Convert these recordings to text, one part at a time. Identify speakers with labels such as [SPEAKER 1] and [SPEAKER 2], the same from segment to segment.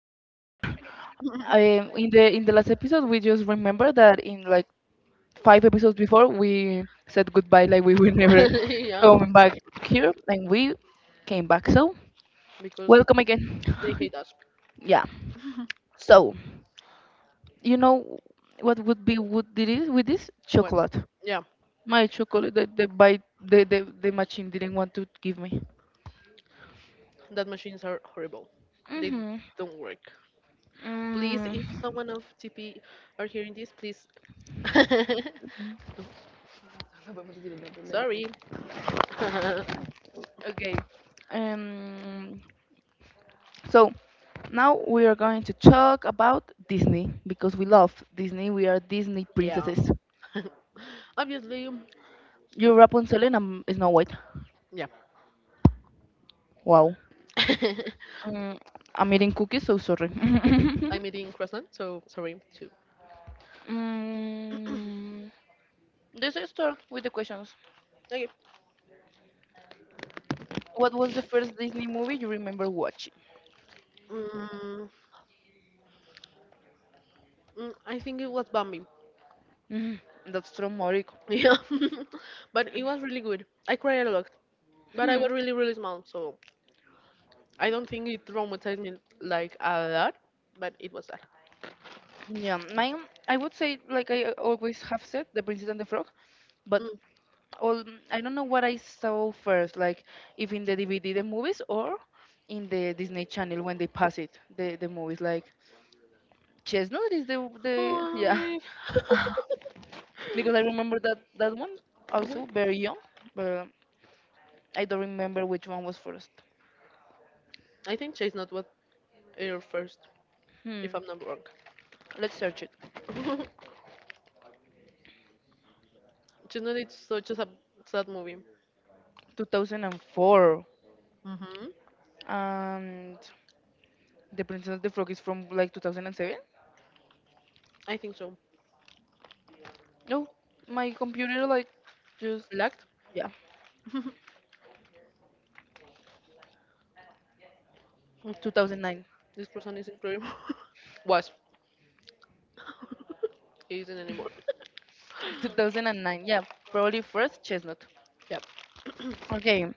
[SPEAKER 1] Again, yeah. In the last episode, we just remember that in like five episodes before, we said goodbye, like we will never
[SPEAKER 2] yeah,
[SPEAKER 1] come back here, and we came back. So
[SPEAKER 2] because
[SPEAKER 1] welcome again.
[SPEAKER 2] they hate us.
[SPEAKER 1] Yeah. So you know what would be would did it with this
[SPEAKER 2] Well,
[SPEAKER 1] chocolate?
[SPEAKER 2] yeah,
[SPEAKER 1] My chocolate that the by the machine didn't want to give me.
[SPEAKER 2] that machines are horrible. They
[SPEAKER 1] Mhm.
[SPEAKER 2] don't work. Please, if
[SPEAKER 1] Mm.
[SPEAKER 2] someone of TP are hearing this, please. No, sorry.
[SPEAKER 1] Okay. Um. So now we are going to talk about Disney because we love Disney. We are Disney
[SPEAKER 2] Yeah.
[SPEAKER 1] princesses.
[SPEAKER 2] Obviously,
[SPEAKER 1] You're Rapunzel and I'm Snow White.
[SPEAKER 2] yeah.
[SPEAKER 1] Wow. Mm, I'm eating cookies, so sorry.
[SPEAKER 2] I'm eating croissant, so sorry too.
[SPEAKER 1] mm, let's start with the questions.
[SPEAKER 2] Okay.
[SPEAKER 1] What was the first Disney movie you remember watching?
[SPEAKER 2] Mm, I think it was Bambi.
[SPEAKER 1] Mm, that's traumatic.
[SPEAKER 2] Yeah, but it was really good. I cried a lot, but I
[SPEAKER 1] Hmm.
[SPEAKER 2] was really small, so I don't think it traumatized me like a lot, but it was that.
[SPEAKER 1] Yeah, mine. I would say, like I always have said, The Princess and the Frog, but
[SPEAKER 2] Mm.
[SPEAKER 1] all I don't know what I saw first, like if in the DVD the movies or in the Disney Channel when they pass it the movies like Chestnut is the yeah.
[SPEAKER 2] Hi.
[SPEAKER 1] Because I remember that that one also
[SPEAKER 2] Mhm.
[SPEAKER 1] very young, but I don't remember which one was first.
[SPEAKER 2] I think Chase Not was your first,
[SPEAKER 1] Hmm,
[SPEAKER 2] if I'm not wrong.
[SPEAKER 1] let's search it.
[SPEAKER 2] Chase Not is such a sad movie.
[SPEAKER 1] 2004.
[SPEAKER 2] Hmm.
[SPEAKER 1] And The Princess of the Frog is from like 2007.
[SPEAKER 2] I think so.
[SPEAKER 1] No, my computer like just
[SPEAKER 2] Lacked.
[SPEAKER 1] yeah
[SPEAKER 2] Mm.
[SPEAKER 1] 2009.
[SPEAKER 2] This person is incredible. Was. He isn't anymore.
[SPEAKER 1] 2009, yeah, probably first Chestnut.
[SPEAKER 2] Yep.
[SPEAKER 1] Okay,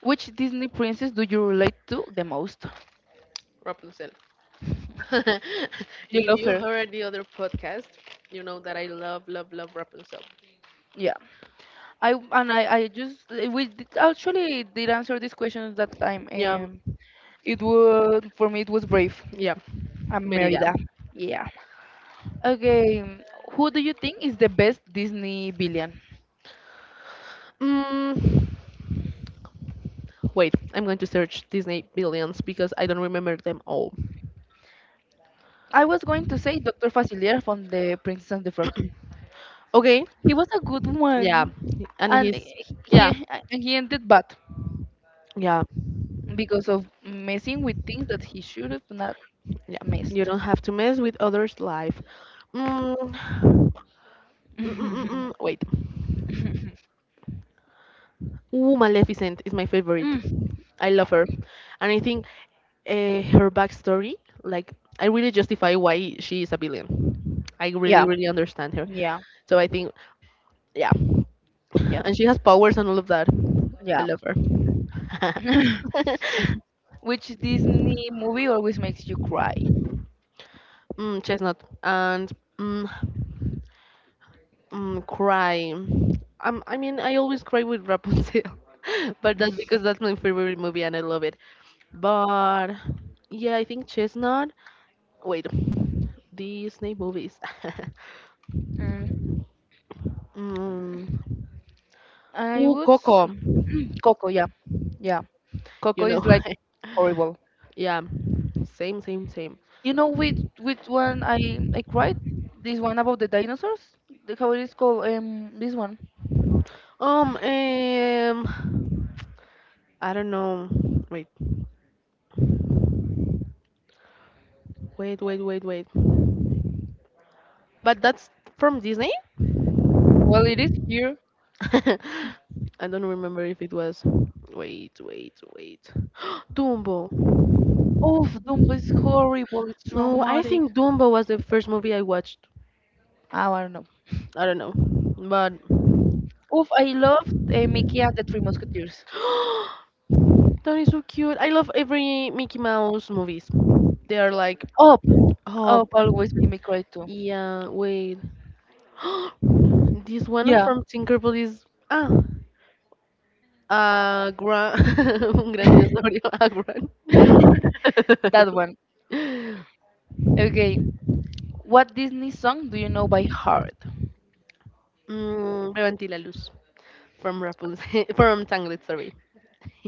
[SPEAKER 1] which Disney princess do you relate to the most?
[SPEAKER 2] Rapunzel.
[SPEAKER 1] You
[SPEAKER 2] If
[SPEAKER 1] love
[SPEAKER 2] you
[SPEAKER 1] her.
[SPEAKER 2] heard the other podcast, you know that I love, love, love Rapunzel.
[SPEAKER 1] Yeah, I just we did, actually did answer this question that time.
[SPEAKER 2] Yeah,
[SPEAKER 1] It was for me it was Brave
[SPEAKER 2] yeah,
[SPEAKER 1] and
[SPEAKER 2] Merida.
[SPEAKER 1] Merida. Yeah. Okay, who do you think is the best Disney villain?
[SPEAKER 2] Mm, Wait, I'm going to search Disney villains because I don't remember them all.
[SPEAKER 1] I was going to say Dr. Facilier from The Princess and the Frog.
[SPEAKER 2] Okay,
[SPEAKER 1] He was a good
[SPEAKER 2] yeah,
[SPEAKER 1] one,
[SPEAKER 2] and
[SPEAKER 1] and
[SPEAKER 2] he's yeah,
[SPEAKER 1] he ended bad
[SPEAKER 2] yeah,
[SPEAKER 1] because of messing with things that he should have not
[SPEAKER 2] yeah. You
[SPEAKER 1] messed.
[SPEAKER 2] don't have to mess with others' life. Mm, mm, mm, mm,
[SPEAKER 1] Mhm.
[SPEAKER 2] mm, wait. Ooh, Maleficent is my favorite.
[SPEAKER 1] Mm.
[SPEAKER 2] I love her, and I think her backstory, like, I really justify why she is a villain. I really,
[SPEAKER 1] Yeah,
[SPEAKER 2] really understand her.
[SPEAKER 1] yeah,
[SPEAKER 2] So I think, yeah,
[SPEAKER 1] yeah,
[SPEAKER 2] and she has powers and all of that. I
[SPEAKER 1] yeah.
[SPEAKER 2] love her.
[SPEAKER 1] Which Disney movie always makes you cry?
[SPEAKER 2] Chestnut and mm, cry. I mean, I always cry with Rapunzel, but that's because that's my favorite movie and I love it. But yeah, I think chestnut. Wait, Disney movies.
[SPEAKER 1] Mm.
[SPEAKER 2] mm,
[SPEAKER 1] I
[SPEAKER 2] Ooh,
[SPEAKER 1] would s-
[SPEAKER 2] Coco.
[SPEAKER 1] Coco, yeah. Yeah. Coco
[SPEAKER 2] You know,
[SPEAKER 1] is like horrible.
[SPEAKER 2] yeah, same.
[SPEAKER 1] You know which one I cried? This one about the dinosaurs? The how it is called? This one.
[SPEAKER 2] Um, um, I don't know. Wait, Wait. But that's from Disney.
[SPEAKER 1] Well it is here.
[SPEAKER 2] I don't remember if it was. Wait. Dumbo.
[SPEAKER 1] Oh Dumbo is horrible, it's
[SPEAKER 2] No, I
[SPEAKER 1] traumatic.
[SPEAKER 2] think Dumbo was the first movie I watched.
[SPEAKER 1] Oh, I don't know.
[SPEAKER 2] I don't know, but
[SPEAKER 1] Oof, I loved Mickey and the Three Musketeers.
[SPEAKER 2] that is so cute. I love every Mickey Mouse movies. They are like,
[SPEAKER 1] Up,
[SPEAKER 2] oh
[SPEAKER 1] up, always be me cry too.
[SPEAKER 2] yeah, wait. This one
[SPEAKER 1] Yeah,
[SPEAKER 2] from Tinkerbell is ah a gran un gran dinosaurio a gran.
[SPEAKER 1] that one. Okay, what Disney song do you know by heart?
[SPEAKER 2] Levanti la luz. From Rapunzel, from Tangled, sorry.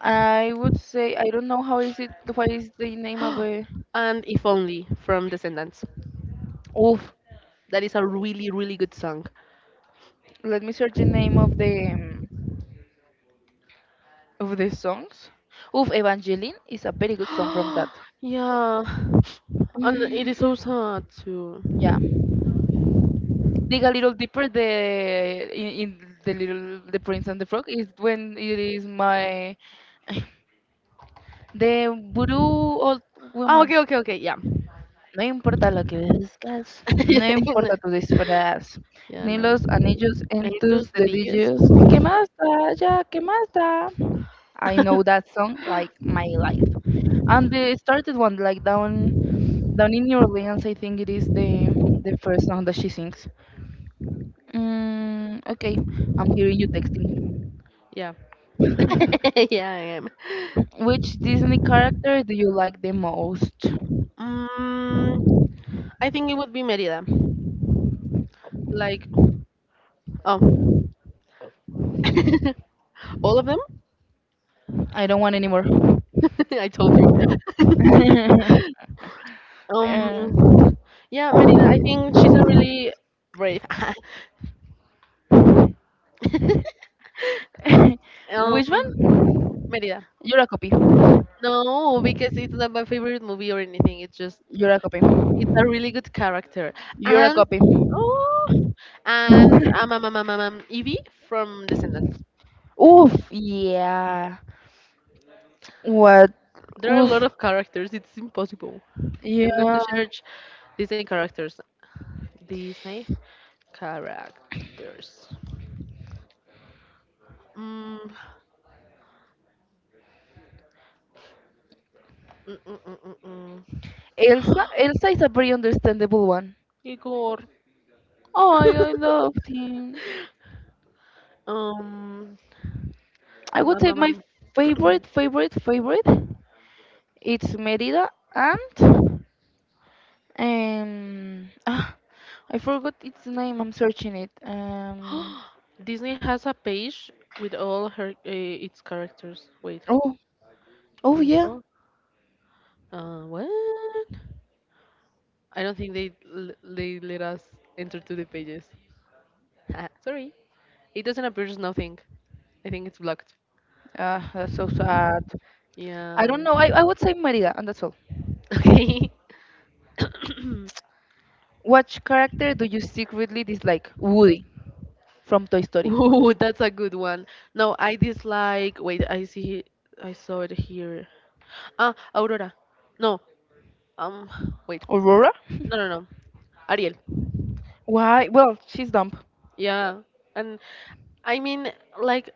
[SPEAKER 1] I would say I don't know how is it. What is the name of a?
[SPEAKER 2] And If Only from Descendants.
[SPEAKER 1] Oof,
[SPEAKER 2] That is a really, really good song.
[SPEAKER 1] let me search the name of the songs. Oof, Evangeline is a very good song from that.
[SPEAKER 2] Yeah, and it
[SPEAKER 1] Mm,
[SPEAKER 2] is so sad too.
[SPEAKER 1] yeah dig a little deeper the in, in the little the prince and the frog is when it is my De Voodoo Old
[SPEAKER 2] Oh,
[SPEAKER 1] Woman.
[SPEAKER 2] okay, yeah.
[SPEAKER 1] No importa lo que buscas, no importa tu disfraz,
[SPEAKER 2] Yeah,
[SPEAKER 1] ni
[SPEAKER 2] no.
[SPEAKER 1] los anillos
[SPEAKER 2] I
[SPEAKER 1] en
[SPEAKER 2] do
[SPEAKER 1] tus
[SPEAKER 2] the DUs.
[SPEAKER 1] dedillos. ¿Qué más da? Ya, ¿qué más da? I know that song like my life. And they started one like down down in New Orleans, I think it is the first song that she sings. Mm, okay, I'm hearing you texting.
[SPEAKER 2] Yeah, yeah, I am.
[SPEAKER 1] Which Disney character do you like the most?
[SPEAKER 2] Mm, I think it would be Merida. Like, oh, all of them?
[SPEAKER 1] I don't want any more.
[SPEAKER 2] I told you.
[SPEAKER 1] Uh,
[SPEAKER 2] Um, yeah, Merida, I think she's a really brave. Um,
[SPEAKER 1] Which one?
[SPEAKER 2] Merida.
[SPEAKER 1] You're a copy.
[SPEAKER 2] No, because it's not my favorite movie or anything. It's just
[SPEAKER 1] You're a copy.
[SPEAKER 2] it's a really good character.
[SPEAKER 1] You're a
[SPEAKER 2] And
[SPEAKER 1] copy.
[SPEAKER 2] oh, and Evie from Descendants.
[SPEAKER 1] Oof, yeah. What?
[SPEAKER 2] There are a lot
[SPEAKER 1] Oof,
[SPEAKER 2] of characters. It's impossible. I'm going to
[SPEAKER 1] yeah.
[SPEAKER 2] search Disney characters. Disney characters. Mm, mm, mm, mm, mm, mm.
[SPEAKER 1] Elsa, Elsa is a very understandable one.
[SPEAKER 2] Igor.
[SPEAKER 1] Oh, I loved him.
[SPEAKER 2] Um,
[SPEAKER 1] I
[SPEAKER 2] um,
[SPEAKER 1] would
[SPEAKER 2] um,
[SPEAKER 1] say my
[SPEAKER 2] um,
[SPEAKER 1] favorite, favorite, favorite. It's Merida and Ah, I forgot its name. I'm searching it.
[SPEAKER 2] um. Disney has a page with all her its characters. Wait,
[SPEAKER 1] Oh, oh yeah.
[SPEAKER 2] info. What? I don't think they let us enter to the pages. Sorry, it doesn't appear as nothing. I think it's blocked.
[SPEAKER 1] Ah, that's so sad. I
[SPEAKER 2] Yeah.
[SPEAKER 1] don't know. I would say Merida, and that's all.
[SPEAKER 2] Okay.
[SPEAKER 1] Which character do you secretly dislike? Woody from Toy Story.
[SPEAKER 2] Ooh, that's a good one. No, I dislike. Wait, I see. I saw it here. Ah, Aurora. No. Um. Wait.
[SPEAKER 1] Aurora?
[SPEAKER 2] No, No. Ariel.
[SPEAKER 1] Why? Well, she's dumb.
[SPEAKER 2] Yeah, and I mean, like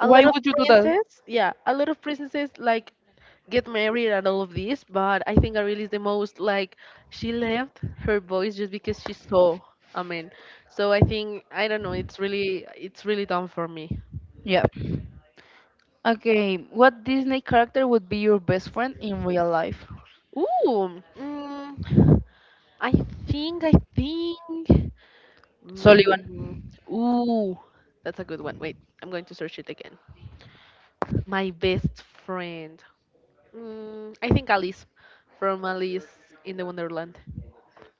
[SPEAKER 2] a lot of
[SPEAKER 1] would you do that?
[SPEAKER 2] princesses, yeah, a lot of princesses like get married and all of this, but I think Ariel is the most like she left her voice just because she saw. I mean, so I think I don't know. It's really done for me.
[SPEAKER 1] Yeah. Okay, what Disney character would be your best friend in real life?
[SPEAKER 2] Ooh, I I think. Mm,
[SPEAKER 1] Sullivan.
[SPEAKER 2] Ooh, that's a good one. Wait, I'm going to search it again. My best friend. I think Alice from Alice in the Wonderland.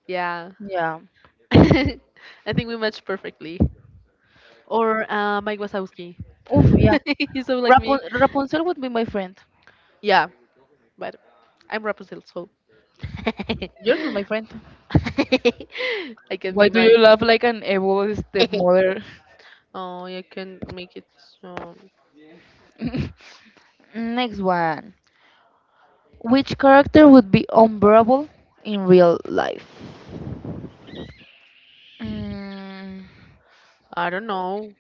[SPEAKER 2] Yeah.
[SPEAKER 1] Yeah.
[SPEAKER 2] I think we match perfectly. Or Mike Wazowski.
[SPEAKER 1] Oof, yeah.
[SPEAKER 2] He's so like
[SPEAKER 1] Rapun
[SPEAKER 2] me.
[SPEAKER 1] Rapunzel would be my friend.
[SPEAKER 2] Yeah, but I'm Rapunzel, so I
[SPEAKER 1] You're not my friend.
[SPEAKER 2] can
[SPEAKER 1] Why
[SPEAKER 2] be
[SPEAKER 1] do you
[SPEAKER 2] my.
[SPEAKER 1] laugh like an evil stepmother?
[SPEAKER 2] Oh, I can make it. So
[SPEAKER 1] Next one. Which character would be unbearable in real life? Mm.
[SPEAKER 2] I don't know.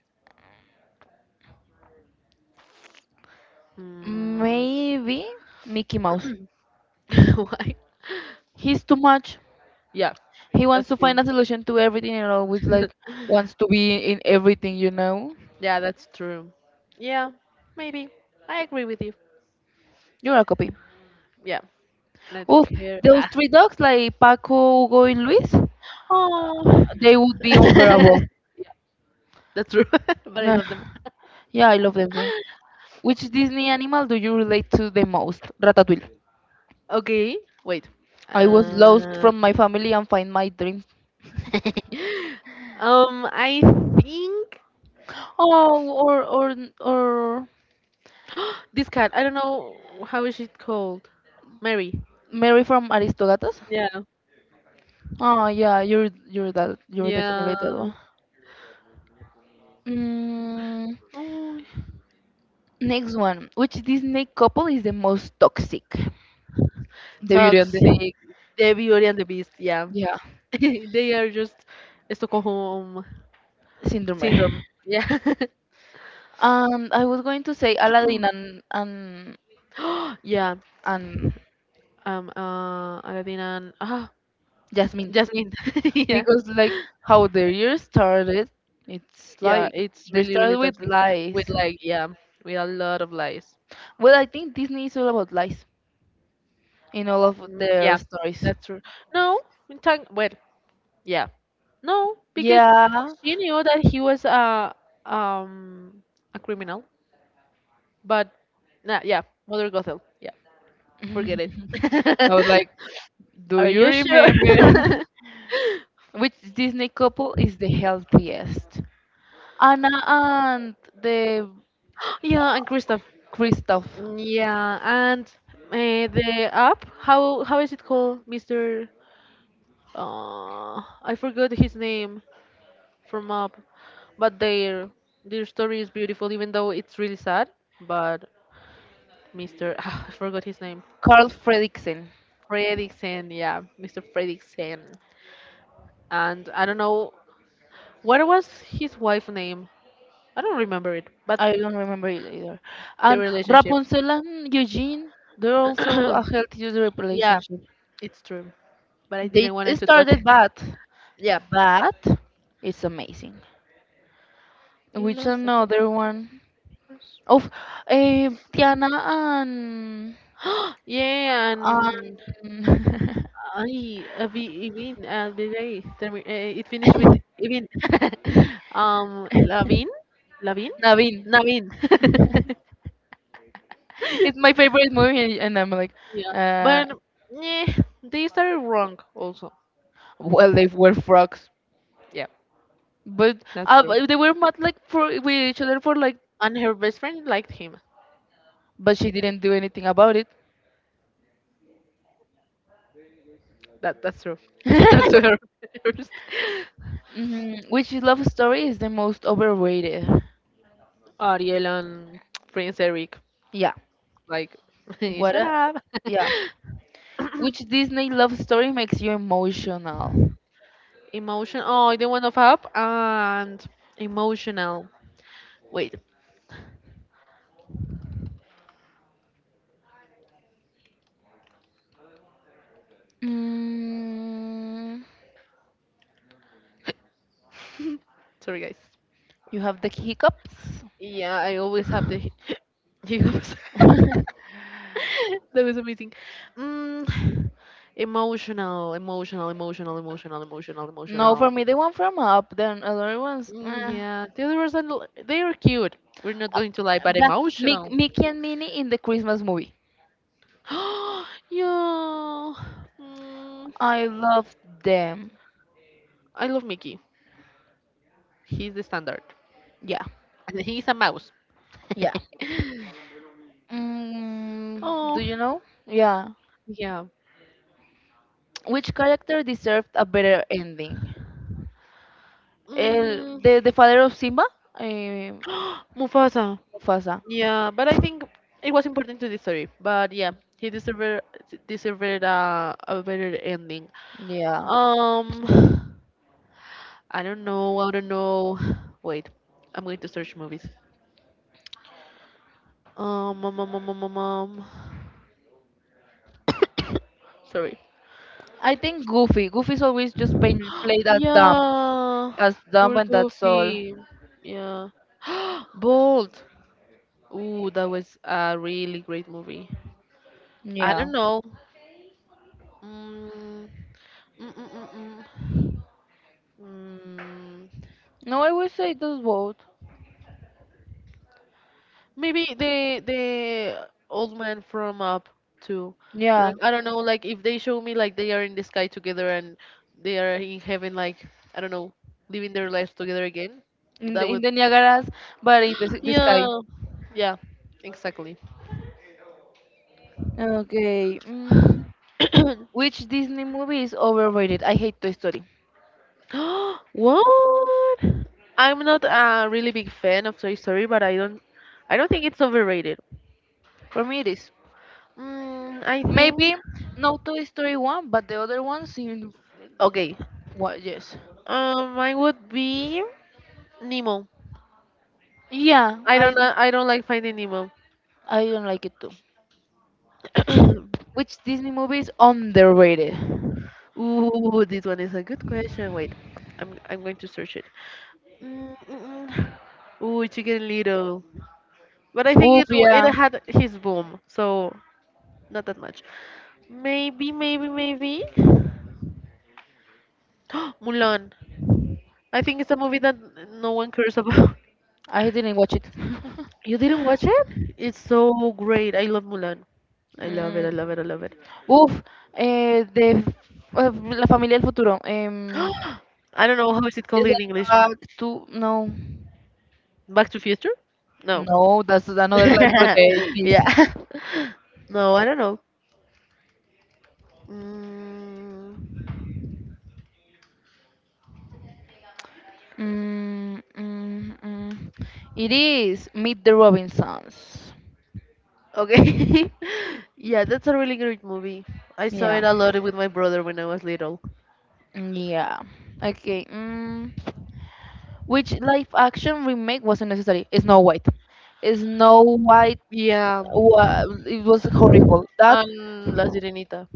[SPEAKER 2] Mm,
[SPEAKER 1] Maybe Mickey Mouse.
[SPEAKER 2] why?
[SPEAKER 1] He's too much.
[SPEAKER 2] Yeah,
[SPEAKER 1] He
[SPEAKER 2] that's
[SPEAKER 1] wants to
[SPEAKER 2] true.
[SPEAKER 1] find a solution to everything and always like wants to be in everything,
[SPEAKER 2] Yeah, that's true. Yeah, maybe. I agree with you.
[SPEAKER 1] You're a copy.
[SPEAKER 2] Yeah. And I don't
[SPEAKER 1] Oof,
[SPEAKER 2] care.
[SPEAKER 1] those
[SPEAKER 2] Ah.
[SPEAKER 1] three dogs like Paco, Hugo, and Luis,
[SPEAKER 2] Oh,
[SPEAKER 1] they would be unbearable.
[SPEAKER 2] that's true. But I
[SPEAKER 1] Nah,
[SPEAKER 2] love them.
[SPEAKER 1] yeah, I love them too. Which Disney animal do you relate to the most? Ratatouille.
[SPEAKER 2] Okay, wait.
[SPEAKER 1] I was lost
[SPEAKER 2] Uh,
[SPEAKER 1] from my family and find my dream.
[SPEAKER 2] I think
[SPEAKER 1] Oh, or
[SPEAKER 2] this cat. I don't know how is it called. Mary.
[SPEAKER 1] Mary from Aristogatos.
[SPEAKER 2] Yeah.
[SPEAKER 1] Oh yeah, you're that you're definitely
[SPEAKER 2] Yeah.
[SPEAKER 1] that one. Mm,
[SPEAKER 2] Oh,
[SPEAKER 1] next one. Which Disney couple is the most toxic? The Beauty and the
[SPEAKER 2] toxic. The Beauty and the Beast. Yeah.
[SPEAKER 1] yeah,
[SPEAKER 2] They are just Stockholm
[SPEAKER 1] syndrome.
[SPEAKER 2] syndrome. Yeah.
[SPEAKER 1] I was going to say Aladdin and and
[SPEAKER 2] yeah.
[SPEAKER 1] and
[SPEAKER 2] Aladdin and ah.
[SPEAKER 1] Jasmine
[SPEAKER 2] Jasmine. Yeah.
[SPEAKER 1] because like how their year started, it's
[SPEAKER 2] Yeah,
[SPEAKER 1] like
[SPEAKER 2] it's
[SPEAKER 1] they
[SPEAKER 2] really, really
[SPEAKER 1] started with
[SPEAKER 2] toxic with
[SPEAKER 1] lies.
[SPEAKER 2] like, yeah, with a lot of lies.
[SPEAKER 1] Well, I think Disney is all about lies in all of their
[SPEAKER 2] Yeah,
[SPEAKER 1] stories.
[SPEAKER 2] that's true. No, in time, well, yeah. No, because
[SPEAKER 1] Yeah.
[SPEAKER 2] she knew that he was um a criminal, but nah, yeah, Mother Gothel. Yeah, forget it.
[SPEAKER 1] I was like, do
[SPEAKER 2] Are
[SPEAKER 1] you
[SPEAKER 2] you sure?
[SPEAKER 1] remember which Disney couple is the healthiest? Anna and the
[SPEAKER 2] Yeah, and Christoph.
[SPEAKER 1] Christoph,
[SPEAKER 2] Yeah, and the app, how is it called, Mr. I forgot his name. From up. But their story is beautiful, even though it's really sad. But Mr. I forgot his name.
[SPEAKER 1] Carl Fredricksen.
[SPEAKER 2] Fredriksen, yeah, Mr. Fredriksen. And I don't know what was his wife name. I don't remember it, but
[SPEAKER 1] I don't remember it either.
[SPEAKER 2] the
[SPEAKER 1] And
[SPEAKER 2] relationship.
[SPEAKER 1] Rapunzel and Eugene, they're also a healthy
[SPEAKER 2] Yeah,
[SPEAKER 1] relationship.
[SPEAKER 2] it's true. But I
[SPEAKER 1] They
[SPEAKER 2] didn't want it to talk.
[SPEAKER 1] started bad,
[SPEAKER 2] Yeah.
[SPEAKER 1] but it's amazing.
[SPEAKER 2] He
[SPEAKER 1] Which
[SPEAKER 2] lost the
[SPEAKER 1] another one?
[SPEAKER 2] focus.
[SPEAKER 1] Of Tiana
[SPEAKER 2] Yeah, and
[SPEAKER 1] and
[SPEAKER 2] I Evin Albiray. It finished with Evin. Lavin, Lavin,
[SPEAKER 1] Naveen.
[SPEAKER 2] Navin.
[SPEAKER 1] It's my favorite movie, and I'm like,
[SPEAKER 2] Yeah,
[SPEAKER 1] uh,
[SPEAKER 2] but yeah, they started wrong also.
[SPEAKER 1] well, they were frogs.
[SPEAKER 2] Yeah,
[SPEAKER 1] But
[SPEAKER 2] that's true.
[SPEAKER 1] but they were mad like for with each other for like,
[SPEAKER 2] And her best friend liked him.
[SPEAKER 1] but she didn't do anything about it.
[SPEAKER 2] That that's true. She talked to her first.
[SPEAKER 1] Hmm. Which love story is the most overrated?
[SPEAKER 2] Ariel and Prince Eric,
[SPEAKER 1] Yeah.
[SPEAKER 2] like,
[SPEAKER 1] What
[SPEAKER 2] shut
[SPEAKER 1] a
[SPEAKER 2] up.
[SPEAKER 1] yeah. Which Disney love story makes you emotional?
[SPEAKER 2] Emotion. Oh, the one of up and emotional. Wait,
[SPEAKER 1] Mm,
[SPEAKER 2] sorry, guys.
[SPEAKER 1] you have the hiccups.
[SPEAKER 2] Yeah, I always hiccups. That was amazing. Mm,
[SPEAKER 1] No, for
[SPEAKER 2] emotional.
[SPEAKER 1] me, the one from Up, then other ones. Eh.
[SPEAKER 2] Yeah, the other ones are l- they are cute. We're not
[SPEAKER 1] Um,
[SPEAKER 2] going to lie, but
[SPEAKER 1] The
[SPEAKER 2] emotional.
[SPEAKER 1] Mickey and Minnie in the Christmas movie.
[SPEAKER 2] Yeah. Mm,
[SPEAKER 1] I love them.
[SPEAKER 2] I love Mickey. He's the standard,
[SPEAKER 1] Yeah,
[SPEAKER 2] and he's a mouse.
[SPEAKER 1] yeah. Mm, do
[SPEAKER 2] Oh,
[SPEAKER 1] you know? Yeah.
[SPEAKER 2] yeah.
[SPEAKER 1] Which character deserved a better ending? El,
[SPEAKER 2] Mm,
[SPEAKER 1] the father of Simba? Eh,
[SPEAKER 2] Mufasa.
[SPEAKER 1] Mufasa.
[SPEAKER 2] Yeah, but I think it was important to the story. But yeah, he deserved a better ending.
[SPEAKER 1] Yeah.
[SPEAKER 2] Um, I don't know. I don't know. Wait, I'm going to search movies. Um, um, um, um, um, um, um. Sorry.
[SPEAKER 1] I think Goofy. Goofy's always just play that dumb
[SPEAKER 2] Yeah,
[SPEAKER 1] as dumb
[SPEAKER 2] poor
[SPEAKER 1] and that's all.
[SPEAKER 2] Goofy. Yeah. Bold. Ooh, that was a really great movie. I
[SPEAKER 1] Yeah.
[SPEAKER 2] don't know. Mm, mm, mm, mm, mm. Mm.
[SPEAKER 1] No, I would say those both.
[SPEAKER 2] Maybe the old man from Up too.
[SPEAKER 1] Yeah.
[SPEAKER 2] Like I don't know, like if they show me like they are in the sky together and they are in heaven, like I don't know, living their lives together again. That
[SPEAKER 1] In
[SPEAKER 2] would
[SPEAKER 1] the Niagaras, but in the sky.
[SPEAKER 2] yeah, yeah, exactly.
[SPEAKER 1] Okay. Mm, which Disney movie is overrated? I hate Toy Story.
[SPEAKER 2] What? I'm not a really big fan of Toy Story, but I don't think it's overrated.
[SPEAKER 1] For me, it is.
[SPEAKER 2] Mm, I think
[SPEAKER 1] Maybe not Toy Story one, but the other ones in
[SPEAKER 2] Okay.
[SPEAKER 1] what? Yes.
[SPEAKER 2] Mine would be Nemo.
[SPEAKER 1] Yeah,
[SPEAKER 2] I don't like Finding Nemo.
[SPEAKER 1] I don't like it too. Which Disney movie is underrated?
[SPEAKER 2] Ooh, this one is a good question. Wait, I'm going to search it. Mm, mm, mm. Ooh, Chicken Little. But I think
[SPEAKER 1] Oof,
[SPEAKER 2] it
[SPEAKER 1] yeah,
[SPEAKER 2] had his boom, so not that much. Maybe. Mulan. I think it's a movie that no one cares about.
[SPEAKER 1] I didn't watch it.
[SPEAKER 2] You didn't watch it? It's so great. I love Mulan. I love it.
[SPEAKER 1] Mm,
[SPEAKER 2] I love it. I love it.
[SPEAKER 1] Uf, eh, de f- eh, La Familia del Futuro.
[SPEAKER 2] I don't know how is it
[SPEAKER 1] Is
[SPEAKER 2] called in
[SPEAKER 1] that
[SPEAKER 2] English.
[SPEAKER 1] back to no,
[SPEAKER 2] Back to Future? No.
[SPEAKER 1] no, that's another life for the 80s.
[SPEAKER 2] Yeah. No, I don't know. Mm,
[SPEAKER 1] Mm, mm, mm. It is Meet the Robinsons.
[SPEAKER 2] okay. Yeah, that's a really great movie. I saw
[SPEAKER 1] Yeah.
[SPEAKER 2] it a lot with my brother when I was little.
[SPEAKER 1] Mm, yeah. Okay. Mm. Which live action remake wasn't necessary? Snow White. Snow White.
[SPEAKER 2] Yeah,
[SPEAKER 1] It was horrible. That
[SPEAKER 2] and La Sirenita,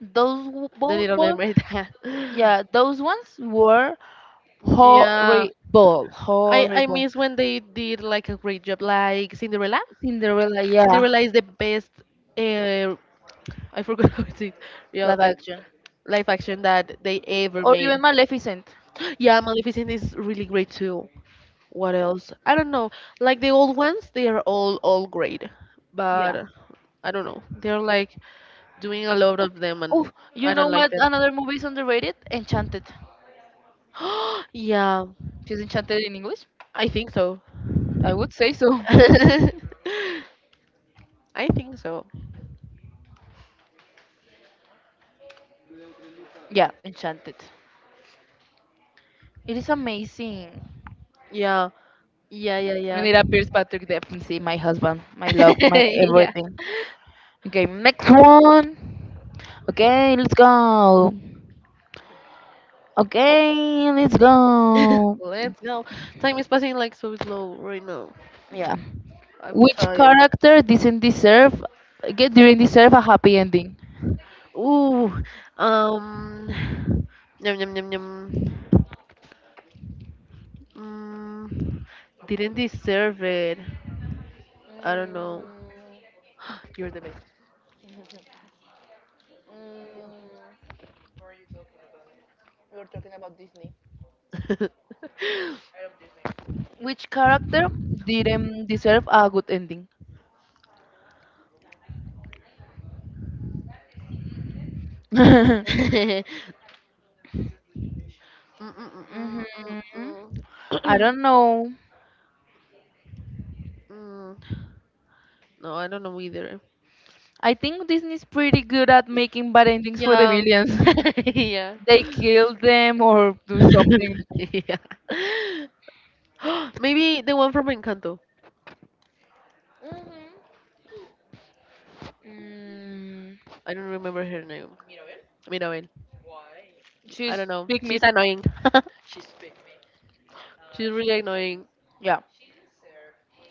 [SPEAKER 2] The
[SPEAKER 1] both,
[SPEAKER 2] Little
[SPEAKER 1] both
[SPEAKER 2] Mermaid.
[SPEAKER 1] yeah those ones were
[SPEAKER 2] Yeah,
[SPEAKER 1] horrible,
[SPEAKER 2] I
[SPEAKER 1] horrible.
[SPEAKER 2] miss when they did like a great job, like Cinderella.
[SPEAKER 1] Cinderella, yeah,
[SPEAKER 2] Cinderella is the best. Uh, I forgot how it's real
[SPEAKER 1] live action,
[SPEAKER 2] live action that they ever
[SPEAKER 1] or even
[SPEAKER 2] made.
[SPEAKER 1] Maleficent.
[SPEAKER 2] Yeah, Maleficent is really great too. What else? I don't know. Like the old ones, they are all great, but
[SPEAKER 1] Yeah.
[SPEAKER 2] I don't know. They're like doing a lot of them, and
[SPEAKER 1] Oh, you
[SPEAKER 2] I
[SPEAKER 1] know
[SPEAKER 2] don't like
[SPEAKER 1] what?
[SPEAKER 2] that.
[SPEAKER 1] Another movie is underrated. Enchanted.
[SPEAKER 2] Yeah,
[SPEAKER 1] She's enchanted in English.
[SPEAKER 2] I think so.
[SPEAKER 1] I would say so.
[SPEAKER 2] I think so.
[SPEAKER 1] Yeah, Enchanted. It is amazing.
[SPEAKER 2] Yeah,
[SPEAKER 1] And
[SPEAKER 2] yeah,
[SPEAKER 1] it appears Patrick Dempsey, my husband, my love, my
[SPEAKER 2] yeah.
[SPEAKER 1] everything. Okay, next one. Okay, let's go. Okay, let's go.
[SPEAKER 2] Let's go. Time is passing like so slow right now.
[SPEAKER 1] Yeah.
[SPEAKER 2] I'm
[SPEAKER 1] Which
[SPEAKER 2] tired.
[SPEAKER 1] character didn't deserve a happy ending?
[SPEAKER 2] Ooh, um, yum. Mm, Didn't deserve it. I don't know. You're the best.
[SPEAKER 1] Which character didn't deserve a good ending? Hmm.
[SPEAKER 2] Mm, mm, mm, mm, mm,
[SPEAKER 1] I
[SPEAKER 2] mm.
[SPEAKER 1] don't know.
[SPEAKER 2] Mm, No, I don't know either.
[SPEAKER 1] I think Disney's pretty good at making bad endings for the
[SPEAKER 2] Yeah.
[SPEAKER 1] villains.
[SPEAKER 2] Yeah.
[SPEAKER 1] They kill them or do something.
[SPEAKER 2] Yeah. Maybe the one from Encanto.
[SPEAKER 1] Mhm. Mm,
[SPEAKER 2] I don't remember her name. Mirabel. I
[SPEAKER 1] she's
[SPEAKER 2] don't know.
[SPEAKER 1] pygmy.
[SPEAKER 2] She's annoying. She's really annoying.
[SPEAKER 1] Yeah.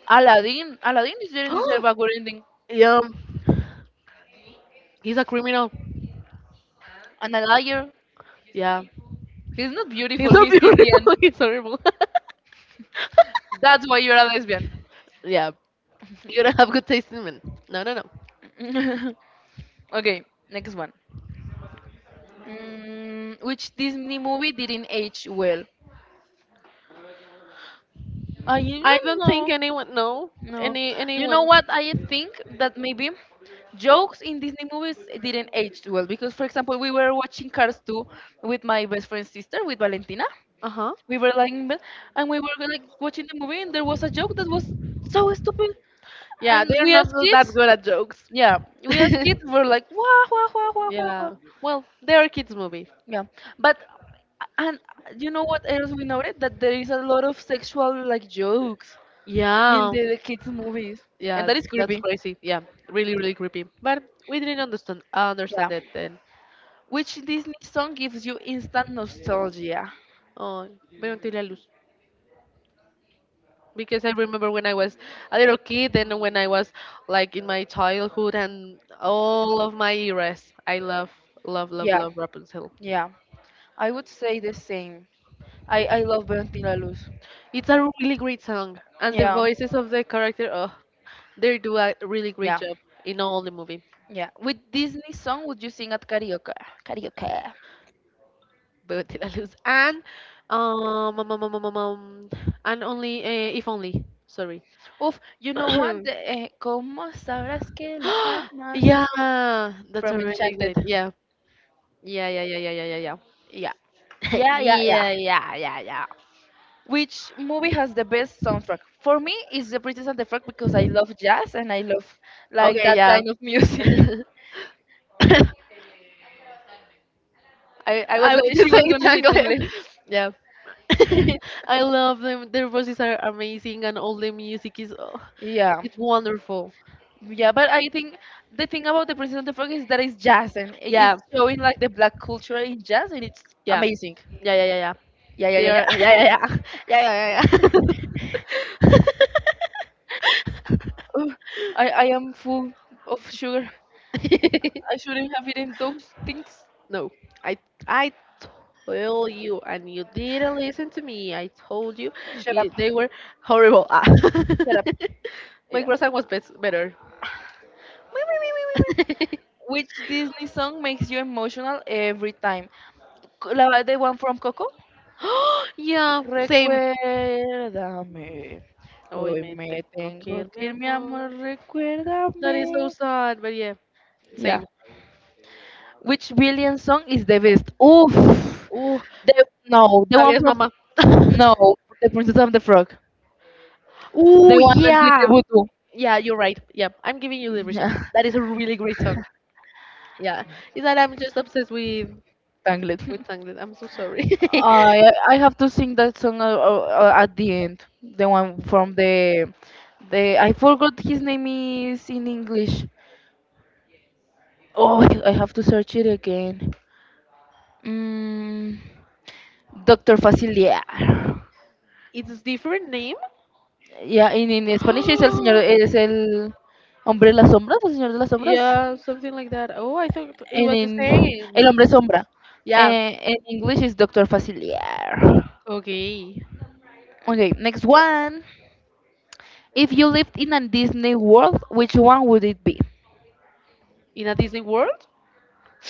[SPEAKER 1] Aladdin. Didn't deserve a good ending.
[SPEAKER 2] Yeah. He's a criminal.
[SPEAKER 1] And a liar.
[SPEAKER 2] Yeah.
[SPEAKER 1] He's not
[SPEAKER 2] He's
[SPEAKER 1] beautiful,
[SPEAKER 2] so
[SPEAKER 1] he's
[SPEAKER 2] beautiful.
[SPEAKER 1] Indian.
[SPEAKER 2] He's horrible.
[SPEAKER 1] That's why you're a lesbian.
[SPEAKER 2] Yeah, you don't have good taste in men. No, No.
[SPEAKER 1] Okay, next one. Mm, which Disney movie didn't age well? I
[SPEAKER 2] I
[SPEAKER 1] don't
[SPEAKER 2] don't think
[SPEAKER 1] know.
[SPEAKER 2] anyone, no,
[SPEAKER 1] No. You know
[SPEAKER 2] anyone.
[SPEAKER 1] what? I think that maybe jokes in Disney movies didn't age well because, for example, we were watching Cars 2 with my best friend's sister, with Valentina.
[SPEAKER 2] Uh huh.
[SPEAKER 1] We were like in bed and we were like watching the movie and there was a joke that was so stupid
[SPEAKER 2] Yeah,
[SPEAKER 1] and
[SPEAKER 2] they're
[SPEAKER 1] we
[SPEAKER 2] not
[SPEAKER 1] as kids
[SPEAKER 2] that good at jokes.
[SPEAKER 1] yeah we as kids were like wah wah wah wah wah wah
[SPEAKER 2] Yeah. Well, they are a kids movie.
[SPEAKER 1] yeah but and you know what else we noted that there is a lot of sexual like jokes in
[SPEAKER 2] Yeah,
[SPEAKER 1] the kids movies and
[SPEAKER 2] Yeah,
[SPEAKER 1] that is
[SPEAKER 2] that's
[SPEAKER 1] creepy
[SPEAKER 2] crazy. Yeah, really, really creepy. But we didn't
[SPEAKER 1] yeah
[SPEAKER 2] understand it then.
[SPEAKER 1] which disney song gives you instant nostalgia
[SPEAKER 2] Oh, veo la luz. Because I remember when I was a little kid and when I was like in my childhood and all of my eras. I love,
[SPEAKER 1] yeah
[SPEAKER 2] love Rapunzel.
[SPEAKER 1] yeah I would say the same i love Valentina Luz
[SPEAKER 2] It's a really great song, and the
[SPEAKER 1] yeah
[SPEAKER 2] voices of the character, oh, they do a really great
[SPEAKER 1] yeah.
[SPEAKER 2] job in all the movie.
[SPEAKER 1] Yeah, with Disney song would you sing at karaoke? Karaoke.
[SPEAKER 2] But did I lose? Um, um, um, um, um, um, um, and only if only. Sorry.
[SPEAKER 1] Oof, you know one, the ¿Cómo sabrás que la amas?
[SPEAKER 2] Yeah, that's a
[SPEAKER 1] From
[SPEAKER 2] really
[SPEAKER 1] Enchanted.
[SPEAKER 2] great. Yeah, yeah, yeah, yeah, yeah, yeah, yeah, yeah.
[SPEAKER 1] Yeah. Yeah, yeah, yeah.
[SPEAKER 2] Yeah, yeah, yeah, yeah.
[SPEAKER 1] Which movie has the best soundtrack? For me, it's The Princess and the Frog because I love jazz and I love like
[SPEAKER 2] Okay,
[SPEAKER 1] that
[SPEAKER 2] yeah.
[SPEAKER 1] kind of music.
[SPEAKER 2] I was going to
[SPEAKER 1] She
[SPEAKER 2] say
[SPEAKER 1] was gonna say it in
[SPEAKER 2] Tangled.
[SPEAKER 1] English.
[SPEAKER 2] Yeah. I love them. Their voices are amazing and all the music is oh,
[SPEAKER 1] Yeah.
[SPEAKER 2] it's wonderful.
[SPEAKER 1] Yeah, but I think the thing about the Princess and the Frog is that it's jazz and
[SPEAKER 2] Yeah.
[SPEAKER 1] it's showing like the black culture in jazz and it's
[SPEAKER 2] Yeah.
[SPEAKER 1] amazing.
[SPEAKER 2] Yeah, yeah, yeah, yeah.
[SPEAKER 1] Yeah, yeah,
[SPEAKER 2] They
[SPEAKER 1] yeah,
[SPEAKER 2] are,
[SPEAKER 1] yeah.
[SPEAKER 2] yeah, yeah, yeah. Yeah, yeah, yeah,
[SPEAKER 1] Oh, I am full of sugar.
[SPEAKER 2] yeah.
[SPEAKER 1] I shouldn't have eaten those things.
[SPEAKER 2] No, I I told you, and you didn't listen to me. I told you,
[SPEAKER 1] Shut up.
[SPEAKER 2] they were horrible. Ah.
[SPEAKER 1] Shut up.
[SPEAKER 2] My
[SPEAKER 1] Yeah.
[SPEAKER 2] croissant was best, better.
[SPEAKER 1] Wee, wee, wee, wee, wee, wee. Which Disney song makes you emotional every time? La, the one from Coco?
[SPEAKER 2] Yeah, same.
[SPEAKER 1] Recuérdame.
[SPEAKER 2] Hoy
[SPEAKER 1] Hoy
[SPEAKER 2] me
[SPEAKER 1] me
[SPEAKER 2] tengo que
[SPEAKER 1] tengo
[SPEAKER 2] ir, mi
[SPEAKER 1] que ir, mi
[SPEAKER 2] amor.
[SPEAKER 1] amor,
[SPEAKER 2] That is so
[SPEAKER 1] recuérdame.
[SPEAKER 2] sad, but yeah,
[SPEAKER 1] Yeah.
[SPEAKER 2] same.
[SPEAKER 1] Which billion song is the best? Oof.
[SPEAKER 2] Ooh,
[SPEAKER 1] The, no, the one
[SPEAKER 2] sabías, mamá.
[SPEAKER 1] from no, the Princess of the Frog.
[SPEAKER 2] Ooh,
[SPEAKER 1] The one that with the
[SPEAKER 2] yeah.
[SPEAKER 1] voodoo.
[SPEAKER 2] Yeah, you're right. Yeah, I'm giving you the reason.
[SPEAKER 1] Yeah,
[SPEAKER 2] That is a really great song. Yeah, it's that I'm just obsessed
[SPEAKER 1] Tangled.
[SPEAKER 2] with song. I'm so sorry.
[SPEAKER 1] I have to sing that song at the end. The one from the I forgot his name is in English. Oh, I have to search it again. Mm, Doctor Facilier.
[SPEAKER 2] It's different name?
[SPEAKER 1] Yeah, in Spanish es el señor, es el hombre de las sombras, el señor de las sombras.
[SPEAKER 2] Yeah, something like that. Oh, I thought it
[SPEAKER 1] And
[SPEAKER 2] was the
[SPEAKER 1] in
[SPEAKER 2] same.
[SPEAKER 1] El Hombre Sombra.
[SPEAKER 2] Yeah.
[SPEAKER 1] Eh, in English is Dr. Facilier.
[SPEAKER 2] Okay.
[SPEAKER 1] Okay, next one. If you lived in a Disney world, which one would it be?
[SPEAKER 2] In a Disney World?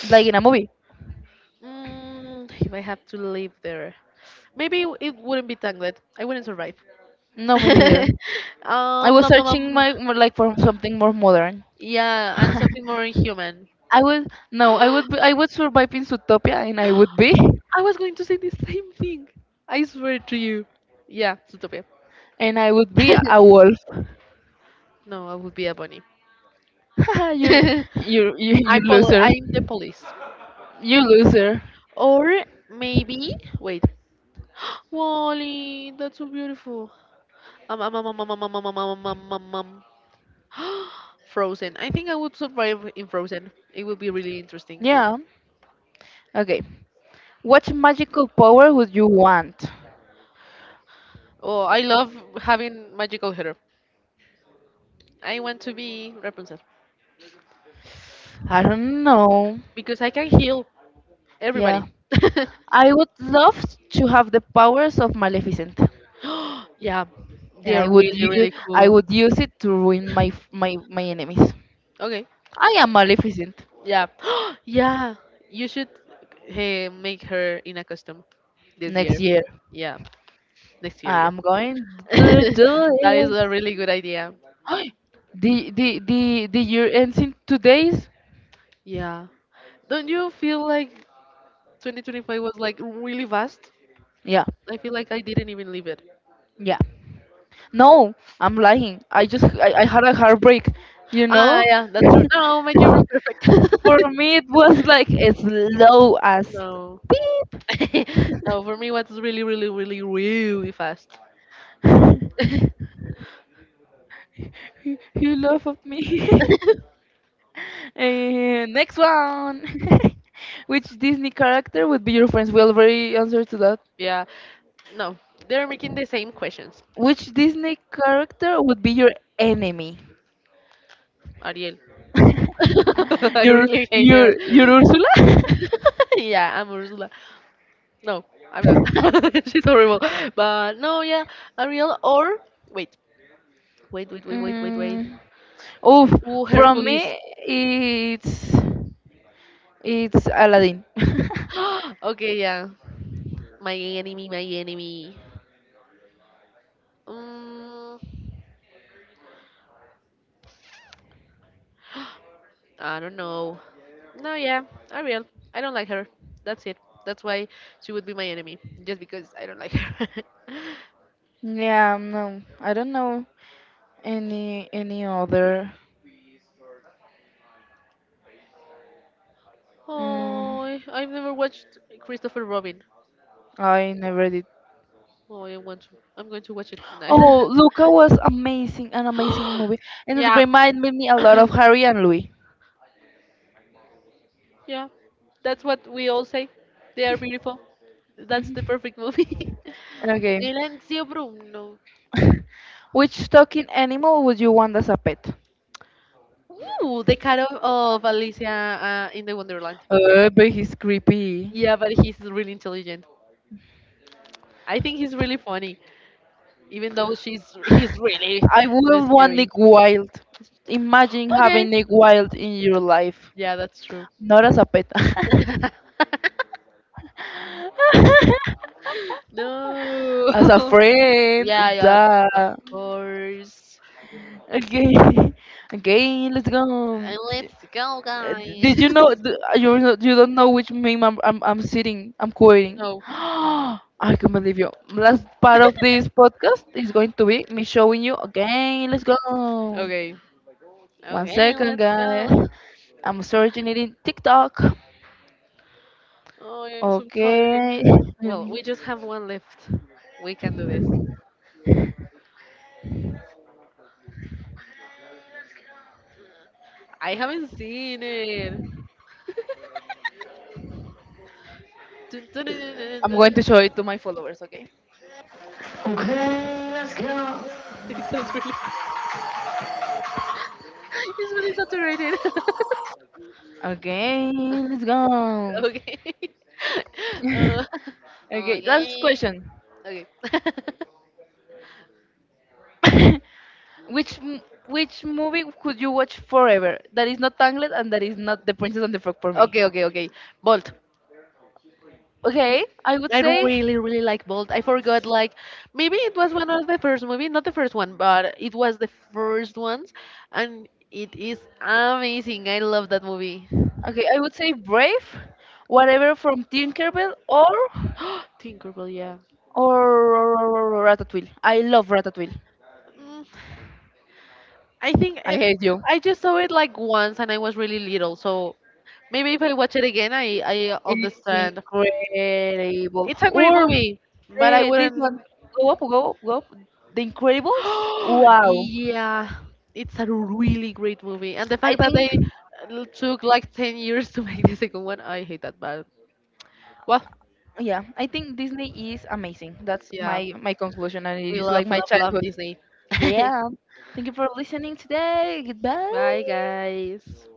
[SPEAKER 1] Like in a movie?
[SPEAKER 2] Mm, if I have to live there, maybe it wouldn't be Tangled. I wouldn't survive.
[SPEAKER 1] No, me neither. I
[SPEAKER 2] um,
[SPEAKER 1] was
[SPEAKER 2] um, um,
[SPEAKER 1] searching
[SPEAKER 2] um,
[SPEAKER 1] my more like for something more modern.
[SPEAKER 2] yeah, and
[SPEAKER 1] I
[SPEAKER 2] something more inhuman.
[SPEAKER 1] would no, I would be, I would survive in Zootopia, and I would be,
[SPEAKER 2] I was going to say the same thing. I swear to you. Yeah, Zootopia.
[SPEAKER 1] and I would be a wolf.
[SPEAKER 2] No, I would be a bunny.
[SPEAKER 1] You, you loser.
[SPEAKER 2] I'm the police.
[SPEAKER 1] You loser.
[SPEAKER 2] Or maybe, wait, Wally, that's so beautiful. Um, um, um, um, um, um, um, um, um, um, um, um. Frozen. I think I would survive in Frozen. It would be really interesting.
[SPEAKER 1] Yeah. Okay. What magical power would you want?
[SPEAKER 2] Oh, I love having magical hair. I want to be Rapunzel
[SPEAKER 1] I don't know.
[SPEAKER 2] because I can heal everybody.
[SPEAKER 1] Yeah. I would love to have the powers of Maleficent.
[SPEAKER 2] Yeah,
[SPEAKER 1] And
[SPEAKER 2] they're really, really
[SPEAKER 1] I
[SPEAKER 2] cool.
[SPEAKER 1] would use it to ruin my my my enemies.
[SPEAKER 2] Okay,
[SPEAKER 1] I am Maleficent
[SPEAKER 2] yeah, yeah. You should make her in a costume this
[SPEAKER 1] next
[SPEAKER 2] year.
[SPEAKER 1] year.
[SPEAKER 2] Yeah, next year. Yeah.
[SPEAKER 1] I'm going to do
[SPEAKER 2] That is
[SPEAKER 1] it.
[SPEAKER 2] a really good idea.
[SPEAKER 1] The year ends in two days.
[SPEAKER 2] Yeah. Don't you feel like 2025 was like really fast?
[SPEAKER 1] Yeah,
[SPEAKER 2] I feel like I didn't even leave it.
[SPEAKER 1] yeah. No, I'm lying. I had a heartbreak. You
[SPEAKER 2] Ah,
[SPEAKER 1] know,
[SPEAKER 2] yeah, that's true. No, my year was perfect.
[SPEAKER 1] for me it was like as low as
[SPEAKER 2] No. No, for me, what's really, really, really, really fast.
[SPEAKER 1] he, he laughed at me. Eh, next one. Which Disney character would be your friends? We already answered to that.
[SPEAKER 2] Yeah. No, they're making the same questions,
[SPEAKER 1] Which Disney character would be your enemy?
[SPEAKER 2] Ariel. I
[SPEAKER 1] Your
[SPEAKER 2] really hate her.
[SPEAKER 1] your Ursula?
[SPEAKER 2] Yeah, I'm Ursula. No, I'm not. She's horrible. But no, yeah, Ariel or wait, wait, wait, wait, wait, wait, wait.
[SPEAKER 1] mm, oof,
[SPEAKER 2] Ooh,
[SPEAKER 1] from
[SPEAKER 2] Hercules.
[SPEAKER 1] me it's Aladdin.
[SPEAKER 2] Okay, yeah. My enemy, my enemy. Um, I don't know. No, yeah, Ariel. I don't like her. That's it. That's why she would be my enemy, just because I don't like her.
[SPEAKER 1] Yeah, no, I don't know any other. Mm,
[SPEAKER 2] Oh, I've never watched Christopher Robin.
[SPEAKER 1] I never did.
[SPEAKER 2] Oh, I want to. I'm going to watch it tonight.
[SPEAKER 1] Oh, Luca was amazing, an amazing movie, and it
[SPEAKER 2] Yeah.
[SPEAKER 1] reminded me a lot of Harry and Louie.
[SPEAKER 2] Yeah, that's what we all say. They are beautiful. That's the perfect movie.
[SPEAKER 1] Okay,
[SPEAKER 2] Silencio Bruno.
[SPEAKER 1] which talking animal would you want as a pet?
[SPEAKER 2] Ooh, the cat of Alicia in the Wonderland.
[SPEAKER 1] But he's creepy.
[SPEAKER 2] Yeah, but he's really intelligent. I think he's really funny, even though she's he's really,
[SPEAKER 1] I
[SPEAKER 2] really
[SPEAKER 1] would want
[SPEAKER 2] scary.
[SPEAKER 1] Nick Wilde. Imagine having
[SPEAKER 2] Okay,
[SPEAKER 1] Nick Wilde in your life,
[SPEAKER 2] yeah, that's true.
[SPEAKER 1] not as a pet,
[SPEAKER 2] No.
[SPEAKER 1] as a friend.
[SPEAKER 2] Yeah, yeah,
[SPEAKER 1] Duh.
[SPEAKER 2] of course.
[SPEAKER 1] Okay, okay, let's go.
[SPEAKER 2] And let's go,
[SPEAKER 1] Uh, Did
[SPEAKER 2] guys.
[SPEAKER 1] you know? You you don't know which meme I'm sitting. I'm quoting.
[SPEAKER 2] No.
[SPEAKER 1] I can't believe you. Last part of this podcast is going to be me showing you again. Let's go.
[SPEAKER 2] Okay.
[SPEAKER 1] One
[SPEAKER 2] Okay,
[SPEAKER 1] second,
[SPEAKER 2] let's
[SPEAKER 1] guys.
[SPEAKER 2] go.
[SPEAKER 1] I'm searching it in TikTok.
[SPEAKER 2] Oh, I'm so tired.
[SPEAKER 1] Okay.
[SPEAKER 2] Well, we just have one left. We can do this. I haven't seen it. Dun, dun, dun, dun, dun,
[SPEAKER 1] I'm
[SPEAKER 2] dun,
[SPEAKER 1] going to show
[SPEAKER 2] dun.
[SPEAKER 1] it to my followers. Okay.
[SPEAKER 2] It sounds really, it's really saturated.
[SPEAKER 1] Okay. Let's go.
[SPEAKER 2] Okay. Uh,
[SPEAKER 1] Okay. Last
[SPEAKER 2] okay.
[SPEAKER 1] question.
[SPEAKER 2] Okay.
[SPEAKER 1] Which which movie could you watch forever? That is not Tangled and that is not The Princess and the Frog for me.
[SPEAKER 2] Okay, okay, okay. Bolt.
[SPEAKER 1] Okay, I would
[SPEAKER 2] I
[SPEAKER 1] say
[SPEAKER 2] really, really like Bolt. I forgot, like, maybe it was one of the first movie, not the first one, but it was the first ones, and it is amazing. I love that movie.
[SPEAKER 1] okay, I would say Brave, whatever from Tinkerbell or
[SPEAKER 2] Tinkerbell, yeah.
[SPEAKER 1] or, or Ratatouille. I love Ratatouille.
[SPEAKER 2] Mm, I think
[SPEAKER 1] I
[SPEAKER 2] I,
[SPEAKER 1] hate you.
[SPEAKER 2] I just saw it like once, and I was really little, so maybe if I watch it again, I
[SPEAKER 1] It's
[SPEAKER 2] understand.
[SPEAKER 1] incredible.
[SPEAKER 2] It's a great
[SPEAKER 1] Or
[SPEAKER 2] movie, but I
[SPEAKER 1] the this one
[SPEAKER 2] wouldn't.
[SPEAKER 1] go up, go up, go up. The Incredibles. Wow.
[SPEAKER 2] Yeah, it's a really great movie, and the
[SPEAKER 1] I
[SPEAKER 2] fact that
[SPEAKER 1] think
[SPEAKER 2] they took like 10 years to make the second one, I hate that. But well,
[SPEAKER 1] yeah, I think Disney is amazing. That's
[SPEAKER 2] yeah,
[SPEAKER 1] my my conclusion and it
[SPEAKER 2] we
[SPEAKER 1] is like
[SPEAKER 2] love,
[SPEAKER 1] my
[SPEAKER 2] love, love
[SPEAKER 1] childhood.
[SPEAKER 2] Disney.
[SPEAKER 1] Yeah. Thank you for listening today.
[SPEAKER 2] Bye,
[SPEAKER 1] Goodbye.
[SPEAKER 2] guys.